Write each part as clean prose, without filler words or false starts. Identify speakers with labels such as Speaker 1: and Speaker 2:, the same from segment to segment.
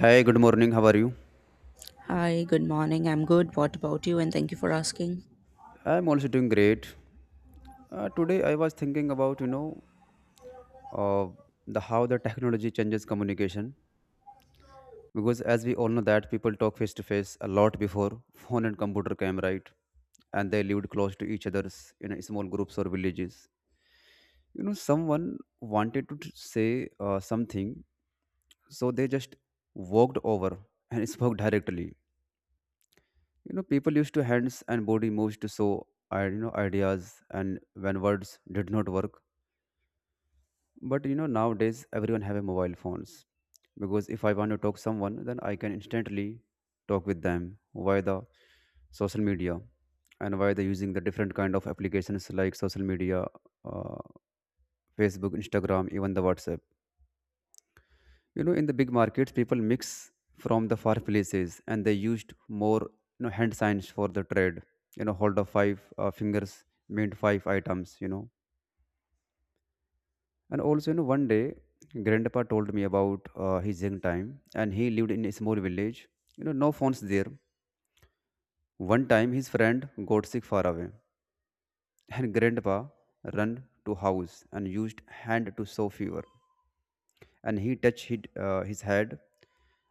Speaker 1: Hi, good morning. How are you?
Speaker 2: Hi, good morning. I'm good. What about you? And thank you for asking.
Speaker 1: I'm also doing great. Today I was thinking about uh, the how the technology changes communication because as we all know that people talk face to face a lot before phone and computer came, right, and they lived close to each other's in a small groups or villages. You know, someone wanted to say something, so they just walked over and spoke directly. You know, people used to hands and body moves to show ideas, and when words did not work. But you know, nowadays everyone have a mobile phones because if I want to talk someone, then I can instantly talk with them via the social media and via the using the different kind of applications like social media, uh, Facebook, Instagram, even the WhatsApp. You know, in the big markets, people mix from the far places and they used more, you know, hand signs for the trade. You know, hold of five fingers meant five items. You know. And also, you know, one day, grandpa told me about his young time, and he lived in a small village. You know, no phones there. One time, his friend got sick far away, and grandpa ran to house and used hand to show fever. And he touched his head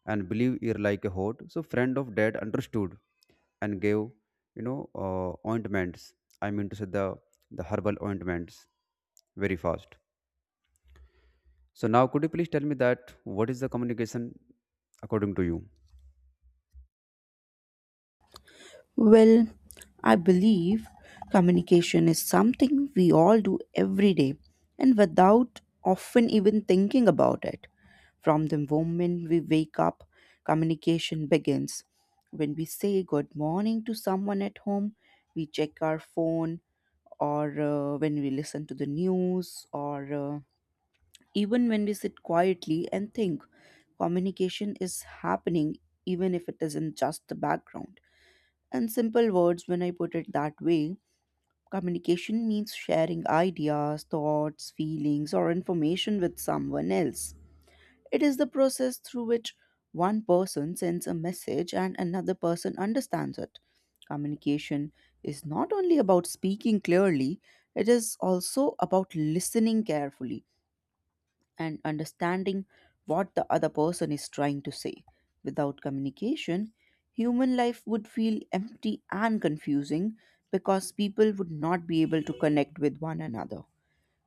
Speaker 1: and believe ear like a hot. So friend of dad understood and gave, ointments. I mean to say the herbal ointments very fast. So now, could you please tell me that what is the communication according to you?
Speaker 2: Well, I believe communication is something we all do every day and without often even thinking about it. From the moment we wake up, communication begins. When we say good morning to someone at home, we check our phone, or when we listen to the news, or even when we sit quietly and think. Communication is happening even if it isn't just the background. In simple words, when I put it that way, communication means sharing ideas, thoughts, feelings, or information with someone else. It is the process through which one person sends a message and another person understands it. Communication is not only about speaking clearly, it is also about listening carefully and understanding what the other person is trying to say. Without communication, human life would feel empty and confusing because people would not be able to connect with one another.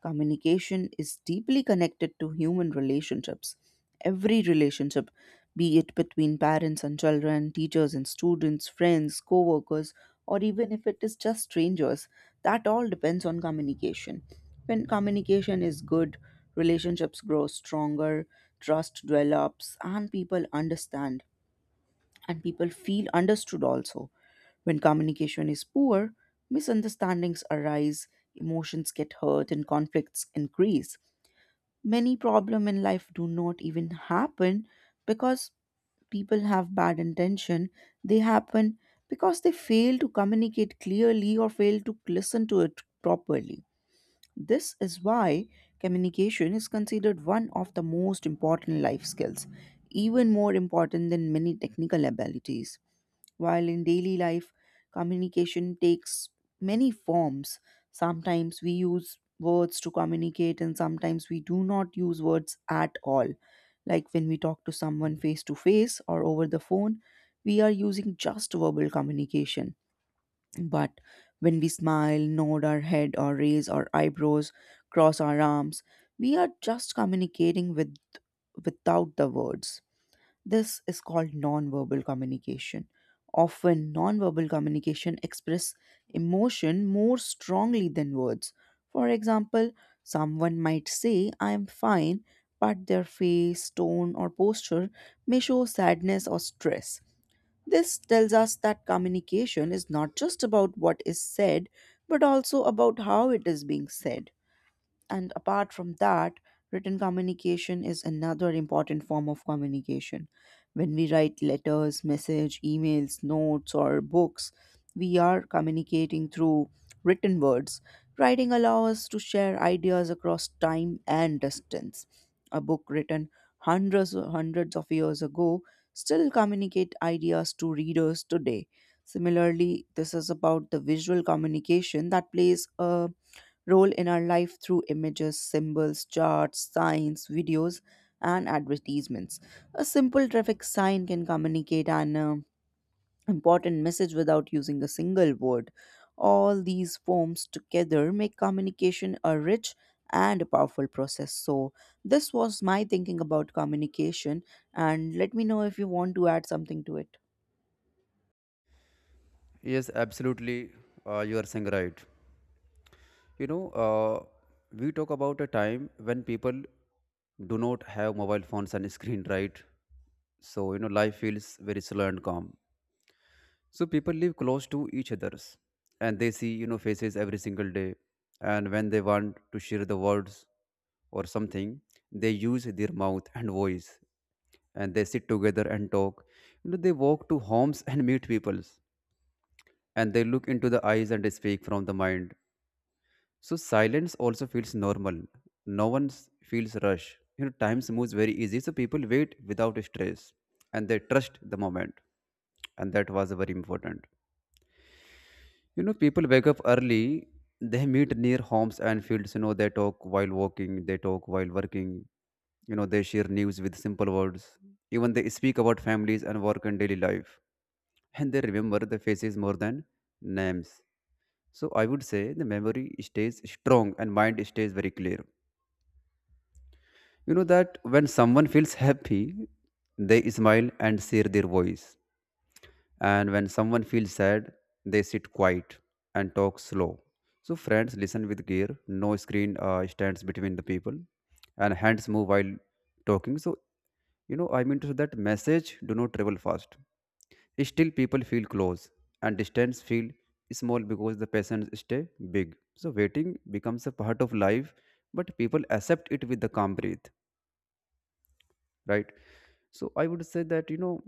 Speaker 2: Communication is deeply connected to human relationships. Every relationship, be it between parents and children, teachers and students, friends, co workers, or even if it is just strangers, that all depends on communication. When communication is good, relationships grow stronger, trust develops, and people understand and people feel understood also. When communication is poor, misunderstandings arise, emotions get hurt, and conflicts increase. Many problems in life do not even happen because people have bad intention. They happen because they fail to communicate clearly or fail to listen to it properly. This is why communication is considered one of the most important life skills, even more important than many technical abilities. While in daily life, communication takes many forms. Sometimes we use words to communicate, and sometimes we do not use words at all. Like when we talk to someone face to face or over the phone, we are using just verbal communication. But when we smile, nod our head, or raise our eyebrows, cross our arms, we are just communicating with without the words, this is called nonverbal communication. Often, nonverbal communication express emotion more strongly than words. For example, someone might say, I am fine, but their face, tone, or posture may show sadness or stress. This tells us that communication is not just about what is said, but also about how it is being said. And apart from that, written communication is another important form of communication. When we write letters, message, emails, notes, or books, we are communicating through written words. Writing allows us to share ideas across time and distance. A book written hundreds of years ago still communicate ideas to readers today. Similarly, this is about the visual communication that plays a role in our life through images, symbols, charts, signs, videos, and advertisements. A simple traffic sign can communicate an important message without using a single word. All these forms together make communication a rich and a powerful process. So, this was my thinking about communication, and let me know if you want to add something to it.
Speaker 1: Yes, absolutely. You are saying right. You know, uh, we talk about a time when people do not have mobile phones and screen, right? So you know, life feels very slow and calm. So people live close to each others and they see, you know, faces every single day. And when they want to share the words or something, they use their mouth and voice and they sit together and talk. You know, they walk to homes and meet peoples and they look into the eyes and speak from the mind. So silence also feels normal. No one feels rush. You know, time moves very easy. So people wait without stress and they trust the moment. And that was very important. You know, people wake up early, they meet near homes and fields, you know, they talk while walking, they talk while working, you know, they share news with simple words. Even they speak about families and work and daily life. And they remember the faces more than names. So I would say the memory stays strong and mind stays very clear. You know that when someone feels happy, they smile and share their voice. And when someone feels sad, they sit quiet and talk slow. So friends listen with care. No screen stands between the people, and hands move while talking. So you know, I mean to say that message do not travel fast. Still, people feel close, and distance feel small because the patients stay big. So waiting becomes a part of life, but people accept it with the calm breath, right? So I would say that, you know,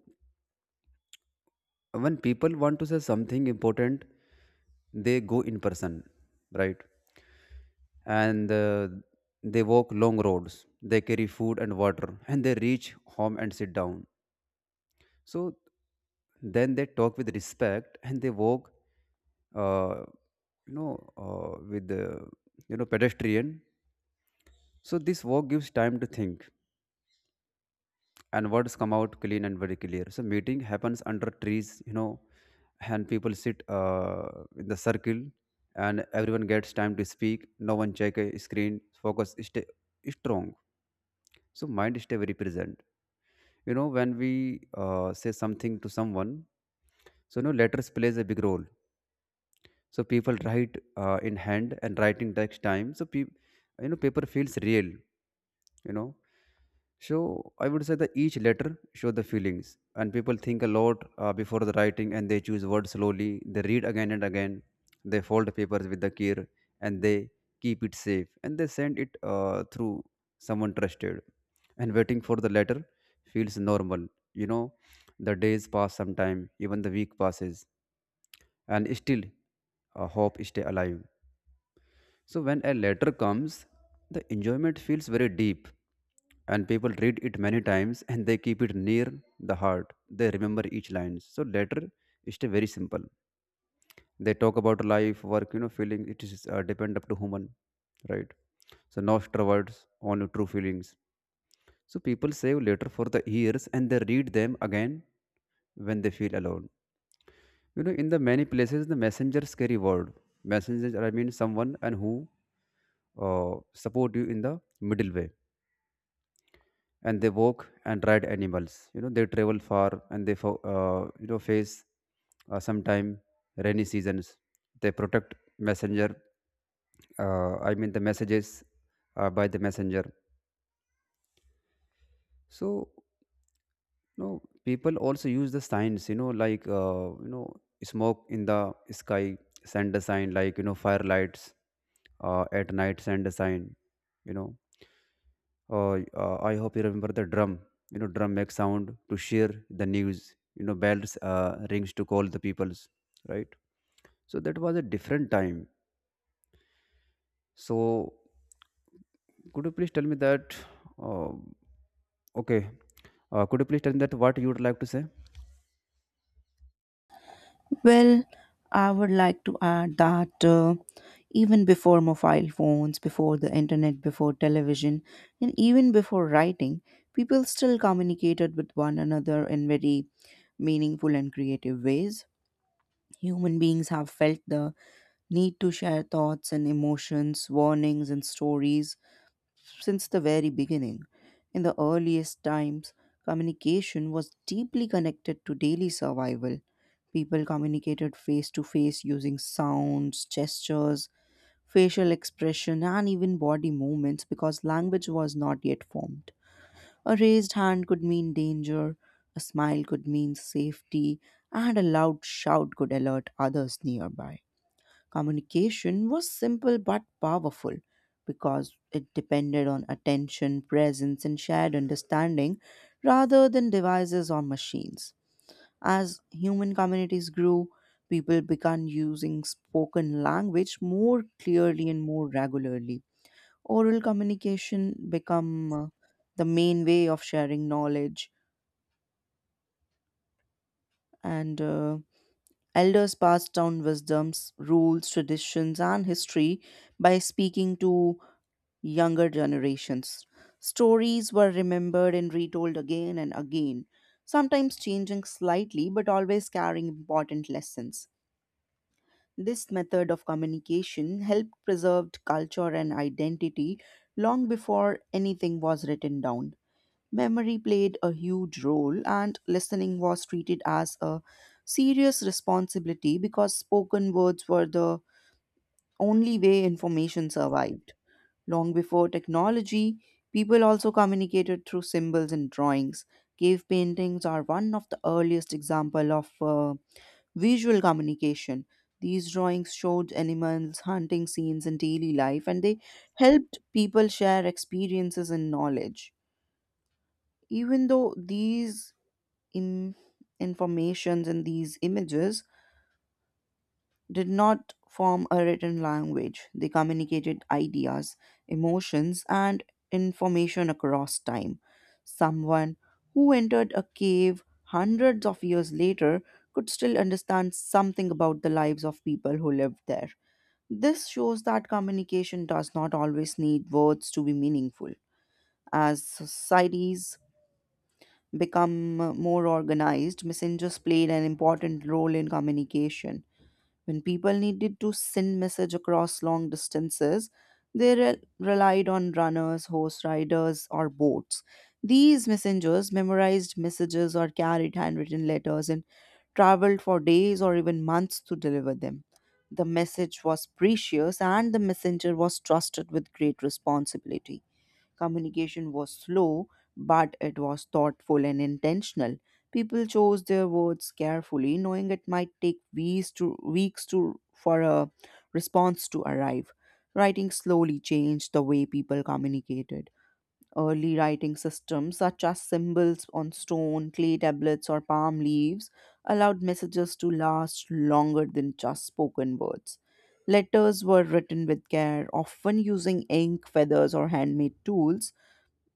Speaker 1: when people want to say something important, they go in person, right, and they walk long roads, they carry food and water and they reach home and sit down. So then they talk with respect and they walk, uh, with the, you know, pedestrian. So this walk gives time to think, and words come out clean and very clear. So meeting happens under trees, you know, and people sit in the circle, and everyone gets time to speak. No one check a screen, focus stay strong, so mind stay very present. You know, when we say something to someone, so you know, letters plays a big role. So people write in hand, and writing takes time, so you know, paper feels real, you know. So I would say that each letter show the feelings, and people think a lot before the writing, and they choose words slowly. They read again and again. They fold papers with the care, and they keep it safe, and they send it through someone trusted. And waiting for the letter feels normal. You know, the days pass sometime, even the week passes, and still, hope stay alive. So when a letter comes, the enjoyment feels very deep, and people read it many times and they keep it near the heart. They remember each line. So letter is still very simple. They talk about life, work, you know, feeling. It is depend up to human, right? So no extra words, only true feelings. So people save letter for the years and they read them again when they feel alone. You know, in the many places, the messengers carry word. Messengers, are, I mean, someone and who support you in the middle way. And they walk and ride animals. You know, they travel far and they, face sometime rainy seasons. They protect messenger. I mean, the messages by the messenger. So, you know, people also use the signs. You know, like, smoke in the sky, send a sign like, you know, firelights at night send a sign, you know. I hope you remember the drum. You know, drum makes sound to share the news. You know, bells rings to call the peoples, right? So that was a different time. So could you please tell me that, uh, okay, could you please tell me that what you would like to say?
Speaker 2: Well, I would like to add that even before mobile phones, before the internet, before television, and even before writing, people still communicated with one another in very meaningful and creative ways. Human beings have felt the need to share thoughts and emotions, warnings and stories since the very beginning. In the earliest times, communication was deeply connected to daily survival. People communicated face to face using sounds, gestures, facial expression, and even body movements because language was not yet formed. A raised hand could mean danger, a smile could mean safety, and a loud shout could alert others nearby. Communication was simple but powerful because it depended on attention, presence, and shared understanding rather than devices or machines. As human communities grew, people began using spoken language more clearly and more regularly. Oral communication became the main way of sharing knowledge, and elders passed down wisdoms, rules, traditions, and history by speaking to younger generations. Stories were remembered and retold again and again, sometimes changing slightly but always carrying important lessons. This method of communication helped preserve culture and identity long before anything was written down. Memory played a huge role, and listening was treated as a serious responsibility because spoken words were the only way information survived. Long before technology, people also communicated through symbols and drawings. Cave paintings are one of the earliest example of visual communication. These drawings showed animals, hunting scenes, and daily life, and they helped people share experiences and knowledge. Even though these in- informations and these images did not form a written language. They communicated ideas, emotions, and information across time. Someone who entered a cave hundreds of years later could still understand something about the lives of people who lived there. This shows that communication does not always need words to be meaningful. As societies become more organized, messengers played an important role in communication when people needed to send message across long distances, they relied on runners, horse riders, or boats. These messengers memorized messages or carried handwritten letters and traveled for days or even months to deliver them. The message was precious and the messenger was trusted with great responsibility. Communication was slow, but it was thoughtful and intentional. People chose their words carefully, knowing it might take weeks to weeks to for a response to arrive. Writing slowly changed the way people communicated. Early writing systems, such as symbols on stone, clay tablets, or palm leaves, allowed messages to last longer than just spoken words. Letters were written with care, often using ink, feathers, or handmade tools.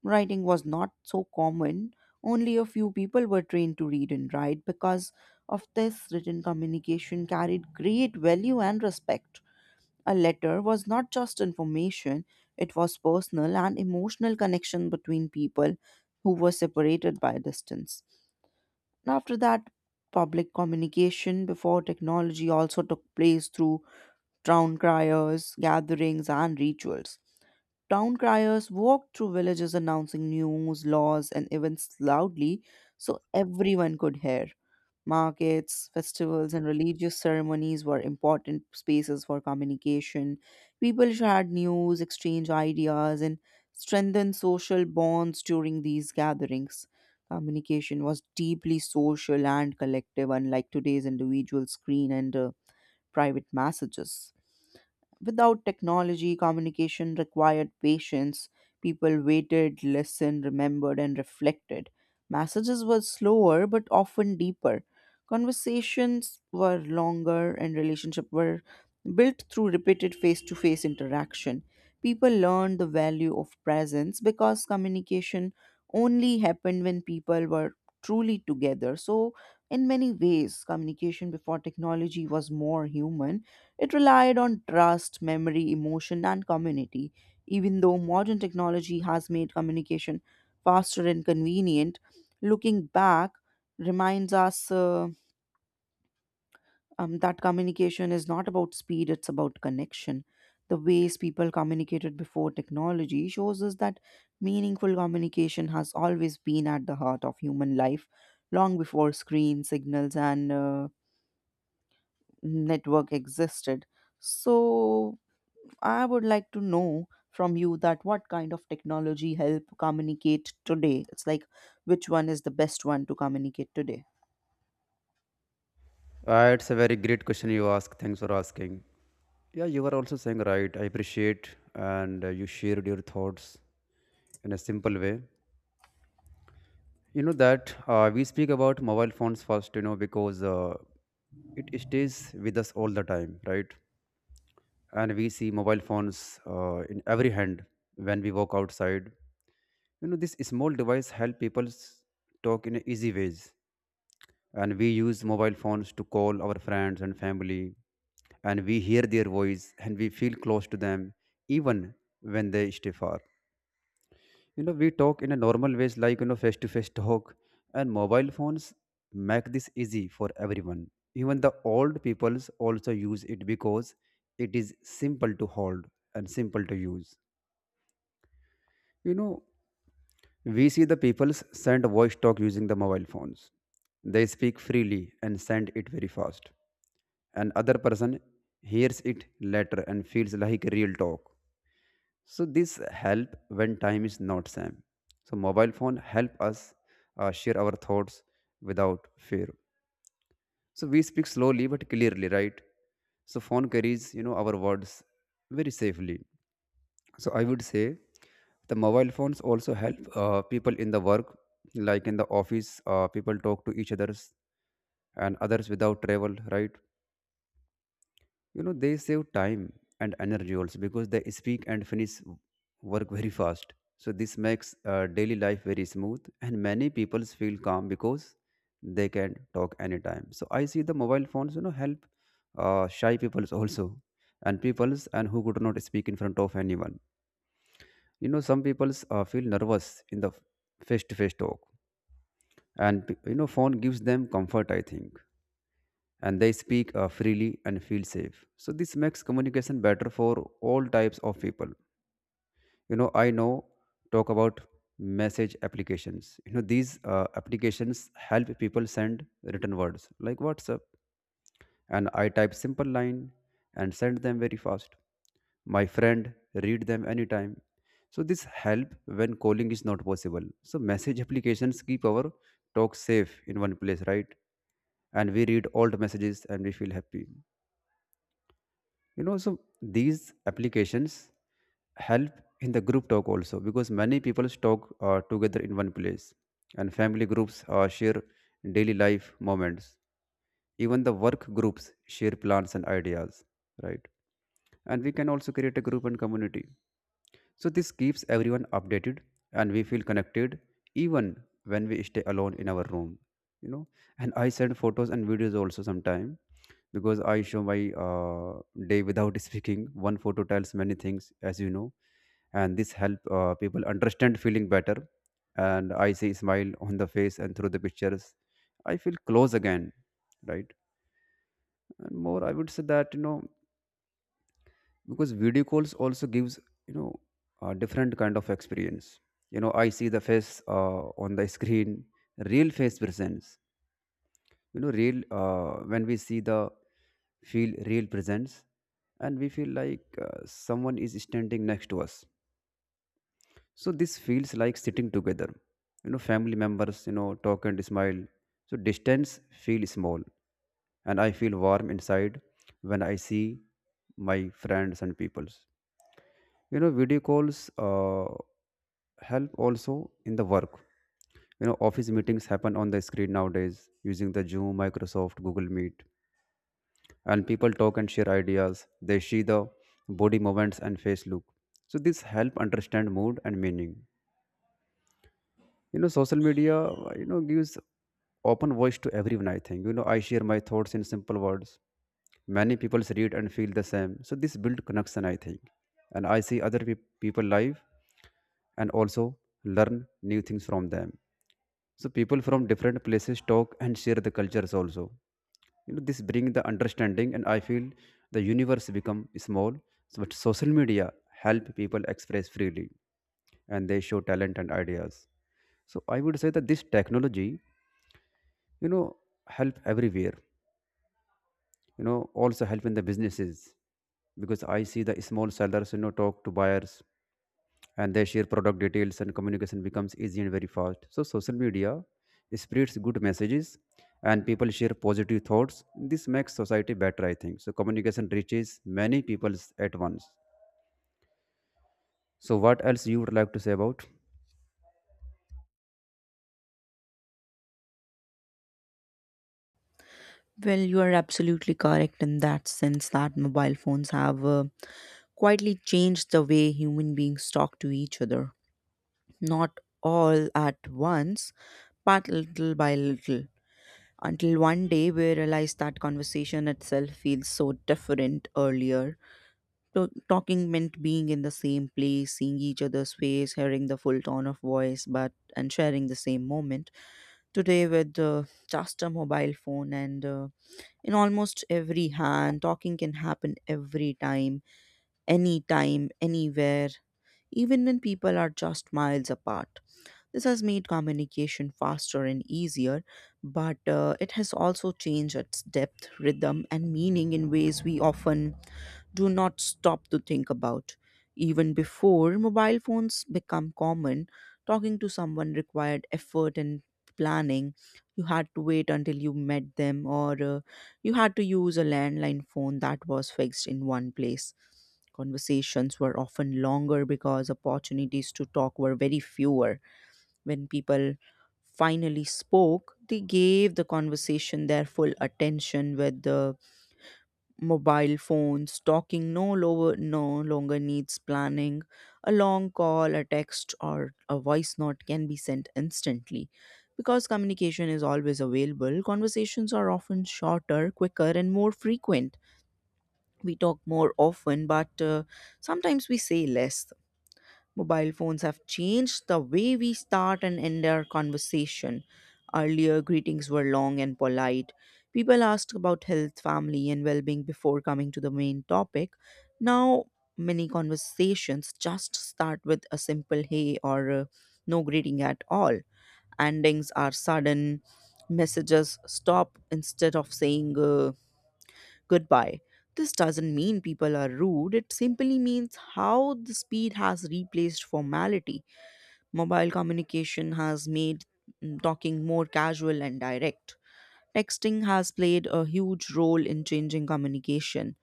Speaker 2: Writing was not so common. Only a few people were trained to read and write because of this written communication carried great value and respect. A letter was not just information, it was personal and emotional connection between people who were separated by distance. After that, public communication before technology also took place through town criers, gatherings, and rituals. Town criers walked through villages announcing news, laws, and events loudly so everyone could hear. Markets, festivals, and religious ceremonies were important spaces for communication. People shared news, exchanged ideas, and strengthened social bonds during these gatherings. Communication was deeply social and collective, unlike today's individual screen and private messages. Without technology, communication required patience. People waited, listened, remembered, and reflected. Messages were slower but often deeper. Conversations were longer, and relationships were built through repeated face to face interaction. People learned the value of presence because communication only happened when people were truly together. So, in many ways, communication before technology was more human. It relied on trust, memory, emotion, and community. Even though modern technology has made communication faster and convenient, looking back reminds us that communication is not about speed, it's about connection. The ways people communicated before technology shows us that meaningful communication has always been at the heart of human life, long before screen signals and network existed. So I would like to know from you that what kind of technology help communicate today? It's like which one is the best one to communicate today?
Speaker 1: It's a very great question you ask, thanks for asking. Yeah, you were also saying right, I appreciate, and you shared your thoughts in a simple way. You know that, we speak about mobile phones first, you know, because it stays with us all the time, right? And we see mobile phones in every hand when we walk outside. You know, this small device help people talk in a easy ways, and we use mobile phones to call our friends and family, and we hear their voice and we feel close to them even when they stay far. You know, we talk in a normal ways, like, you know, face to face talk, and mobile phones make this easy for everyone. Even the old peoples also use it because it is simple to hold and simple to use, you know. We see the peoples send voice talk using the mobile phones. They speak freely and send it very fast, and other person hears it later and feels like real talk. So this help when time is not same. So mobile phone help us share our thoughts without fear. So we speak slowly but clearly, right? So phone carries, you know, our words very safely. So I would say the mobile phones also help people in the work, like in the office. People talk to each others and others without travel, right? You know, they save time and energy also because they speak and finish work very fast. So this makes daily life very smooth, and many people feel calm because they can talk anytime. So I see the mobile phones, you know, help shy peoples also, and peoples and who could not speak in front of anyone. You know, some peoples feel nervous in the face to face talk, and you know, phone gives them comfort, I think, and they speak freely and feel safe. So this makes communication better for all types of people. You know, I know talk about message applications. You know, these applications help people send written words like WhatsApp, and I type simple line and send them very fast. My friend read them anytime. So this help when calling is not possible. So message applications keep our talk safe in one place, right? And we read old messages and we feel happy, you know. So these applications help in the group talk also because many people talk together in one place, and family groups share daily life moments, even the work groups share plans and ideas, right? And we can also create a group and community, so this keeps everyone updated, and we feel connected even when we stay alone in our room, you know. And I send photos and videos also sometime because I show my day without speaking. One photo tells many things, as you know, and this help people understand feeling better. And I see smile on the face and through the pictures, I feel close again, right? And more, I would say that because video calls also gives, you know a different kind of experience. You know, I see the face on the screen, real face presence, real, when we see the, feel real presence, and we feel like someone is standing next to us, so this feels like sitting together. You know, family members, talk and smile, so distance feel small and I feel warm inside when I see my friends and peoples. You know, video calls, help also in the work. You know, office meetings happen on the screen nowadays, using the Zoom, Microsoft, Google Meet, and people talk and share ideas. They see the body movements and face look. So this help understand mood and meaning. You know, social media, gives open voice to everyone, I think. You know, I share my thoughts in simple words, many people read and feel the same, so this build connection, I think. And I see other people live, and also learn new things from them. So people from different places talk and share the cultures also. You know, this bring the understanding, and I feel the universe become small. So but social media help people express freely, and they show talent and ideas. So I would say that this technology, you know, help everywhere. You know, also help in the businesses because I see the small sellers, you know, talk to buyers, and they share product details, and communication becomes easy and very fast. So social media spreads good messages and people share positive thoughts. This makes society better, I think. So communication reaches many peoples at once. So what else you would like to say about?
Speaker 2: Well, you are absolutely correct in that sense that mobile phones have quietly changed the way human beings talk to each other. Not all at once, but little by little. Until one day we realize that conversation itself feels so different earlier. Talking meant being in the same place, seeing each other's face, hearing the full tone of voice, but and sharing the same moment. Today, with just a mobile phone and in almost every hand, talking can happen every time, anytime, anywhere, even when people are just miles apart. This has made communication faster and easier, but it has also changed its depth, rhythm, and meaning in ways we often do not stop to think about. Even before mobile phones become common, talking to someone required effort and planning. You had to wait until you met them, or you had to use a landline phone that was fixed in one place. Conversations were often longer because opportunities to talk were very fewer. When people finally spoke, they gave the conversation their full attention. With the mobile phones, talking no longer needs planning. A long call, a text, or a voice note can be sent instantly. Because communication is always available, conversations are often shorter, quicker, and more frequent. We talk more often, but sometimes we say less. Mobile phones have changed the way we start and end our conversation. Earlier, greetings were long and polite. People asked about health, family, and well being before coming to the main topic. Now, many conversations just start with a simple hey or no greeting at all. Endings are sudden. Messages stop instead of saying goodbye. This doesn't mean people are rude, it simply means how the speed has replaced formality. Mobile communication has made talking more casual and direct. Texting has played a huge role in changing communication.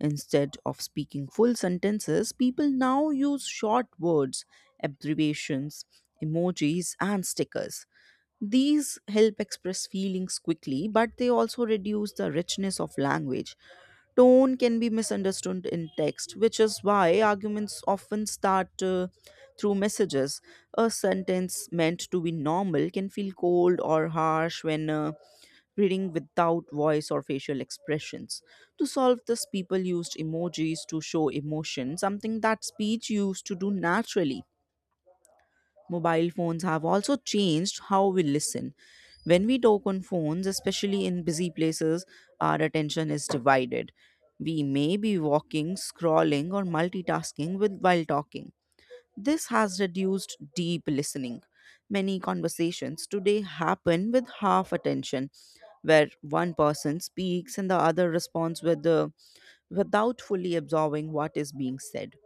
Speaker 2: Instead of speaking full sentences, people now use short words, abbreviations, emojis, and stickers. These help express feelings quickly, but they also reduce the richness of language. Tone can be misunderstood in text, which is why arguments often start through messages. A sentence meant to be normal can feel cold or harsh when reading without voice or facial expressions. To solve this, people used emojis to show emotion, something that speech used to do naturally. Mobile phones have also changed how we listen. When we talk on phones, especially in busy places, our attention is divided. We may be walking, scrolling, or multitasking with, while talking. This has reduced deep listening. Many conversations today happen with half attention, where one person speaks and the other responds with the without fully absorbing what is being said.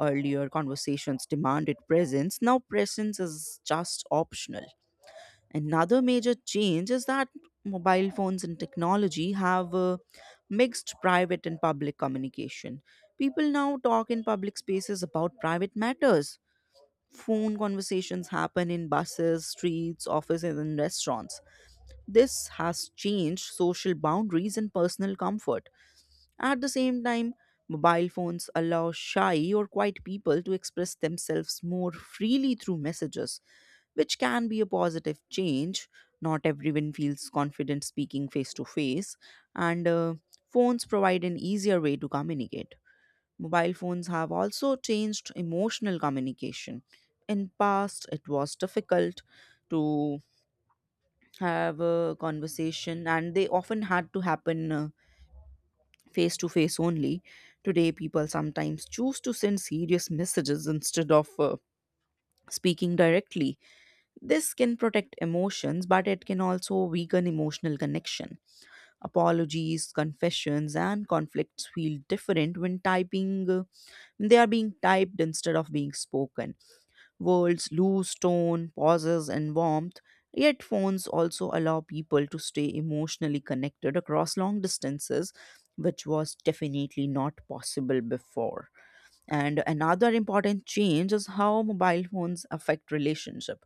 Speaker 2: Earlier conversations demanded presence, now presence is just optional. Another major change is that mobile phones and technology have mixed private and public communication. People now talk in public spaces about private matters. Phone conversations happen in buses, streets, offices, and restaurants. This has changed social boundaries and personal comfort. At the same time, mobile phones allow shy or quiet people to express themselves more freely through messages, which can be a positive change. Not everyone feels confident speaking face to face, and phones provide an easier way to communicate. Mobile phones have also changed emotional communication. In past, it was difficult to have a conversation, and they often had to happen face to face only. Today, people sometimes choose to send serious messages instead of speaking directly. This can protect emotions, but it can also weaken emotional connection. Apologies, confessions, and conflicts feel different when they are being typed instead of being spoken. Worlds lose tone, pauses, and warmth. Yet, phones also allow people to stay emotionally connected across long distances, which was definitely not possible before. And another important change is how mobile phones affect relationship.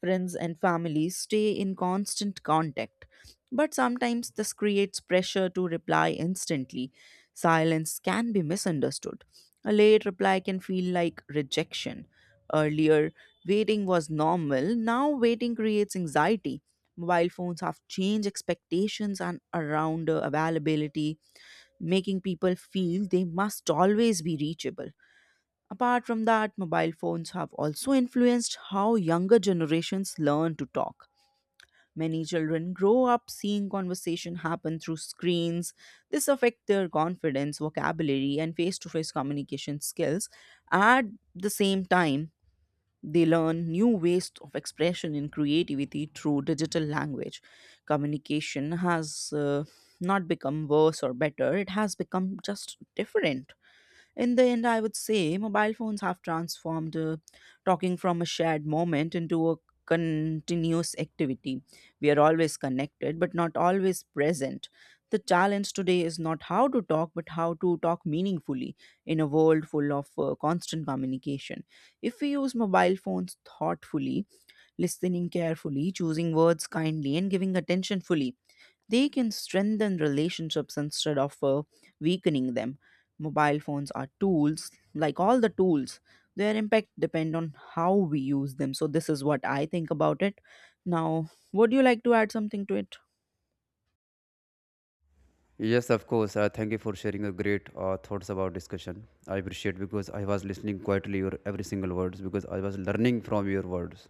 Speaker 2: Friends and family stay in constant contact, but sometimes this creates pressure to reply instantly. Silence can be misunderstood. A late reply can feel like rejection. Earlier, waiting was normal, now, waiting creates anxiety. Mobile phones have changed expectations and around availability, making people feel they must always be reachable. Apart from that, mobile phones have also influenced how younger generations learn to talk. Many children grow up seeing conversation happen through screens. This affects their confidence, vocabulary, and face to face communication skills. At the same time, they learn new ways of expression and creativity through digital language. Communication has not become worse or better, it has become just different. In the end, I would say mobile phones have transformed talking from a shared moment into a continuous activity. We are always connected, but not always present. The challenge today is not how to talk, but how to talk meaningfully in a world full of constant communication. If we use mobile phones thoughtfully, listening carefully, choosing words kindly, and giving attention fully, they can strengthen relationships instead of weakening them. Mobile phones are tools like all the tools. Their impact depend on how we use them, so this is what I think about it. Now, would you like to add something to it?
Speaker 1: Yes, of course. Thank you for sharing your great thoughts about discussion. I appreciate because I was listening quietly your every single words, because I was learning from your words.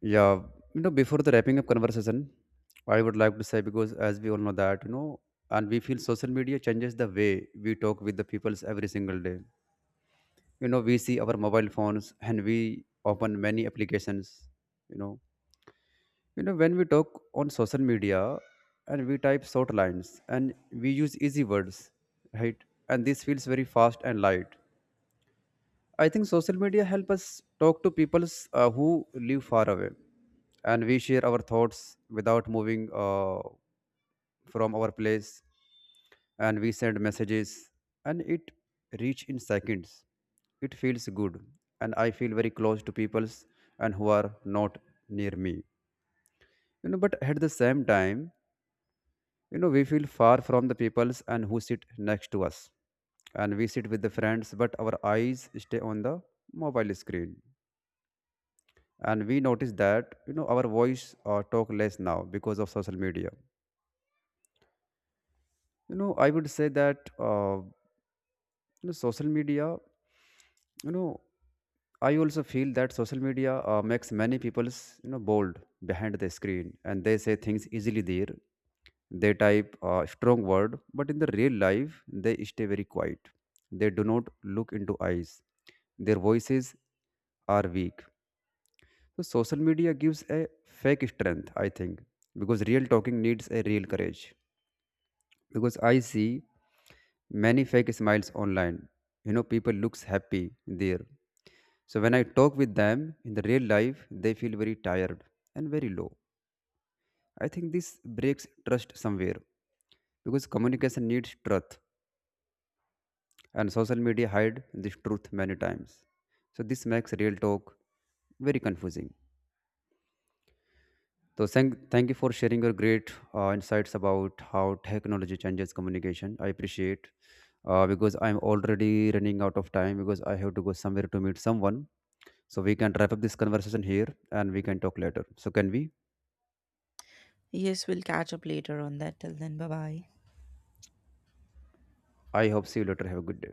Speaker 1: Yeah, you know, before the wrapping up conversation, I would like to say, because as we all know that, you know, and we feel social media changes the way we talk with the peoples every single day. You know, we see our mobile phones and we open many applications. You know, You know, when we talk on social media and we type short lines and we use easy words, right? And this feels very fast and light. I think social media help us talk to people who live far away, and we share our thoughts without moving from our place, and we send messages and it reach in seconds. It feels good and I feel very close to peoples and who are not near me. You know, but at the same time, you know, we feel far from the peoples and who sit next to us. And we sit with the friends, but our eyes stay on the mobile screen. And we notice that, you know, our voice talk less now because of social media. You know, I would say that you know, social media you know I also feel that social media makes many people's, you know, bold behind the screen, and they say things easily there. They type a strong word, but in the real life they stay very quiet. They do not look into eyes, their voices are weak. So social media gives a fake strength, I think, because real talking needs a real courage. Because I see many fake smiles online, you know, people looks happy there. So when I talk with them in the real life, they feel very tired and very low. I think this breaks trust somewhere, because communication needs truth, and social media hide this truth many times. So this makes real talk very confusing. So thank you for sharing your great insights about how technology changes communication. I appreciate, because I'm already running out of time, because I have to go somewhere to meet someone. So we can wrap up this conversation here, and we can talk later. So can we?
Speaker 2: Yes, we'll catch up later on that. Till then, bye bye.
Speaker 1: I hope see you later. Have a good day.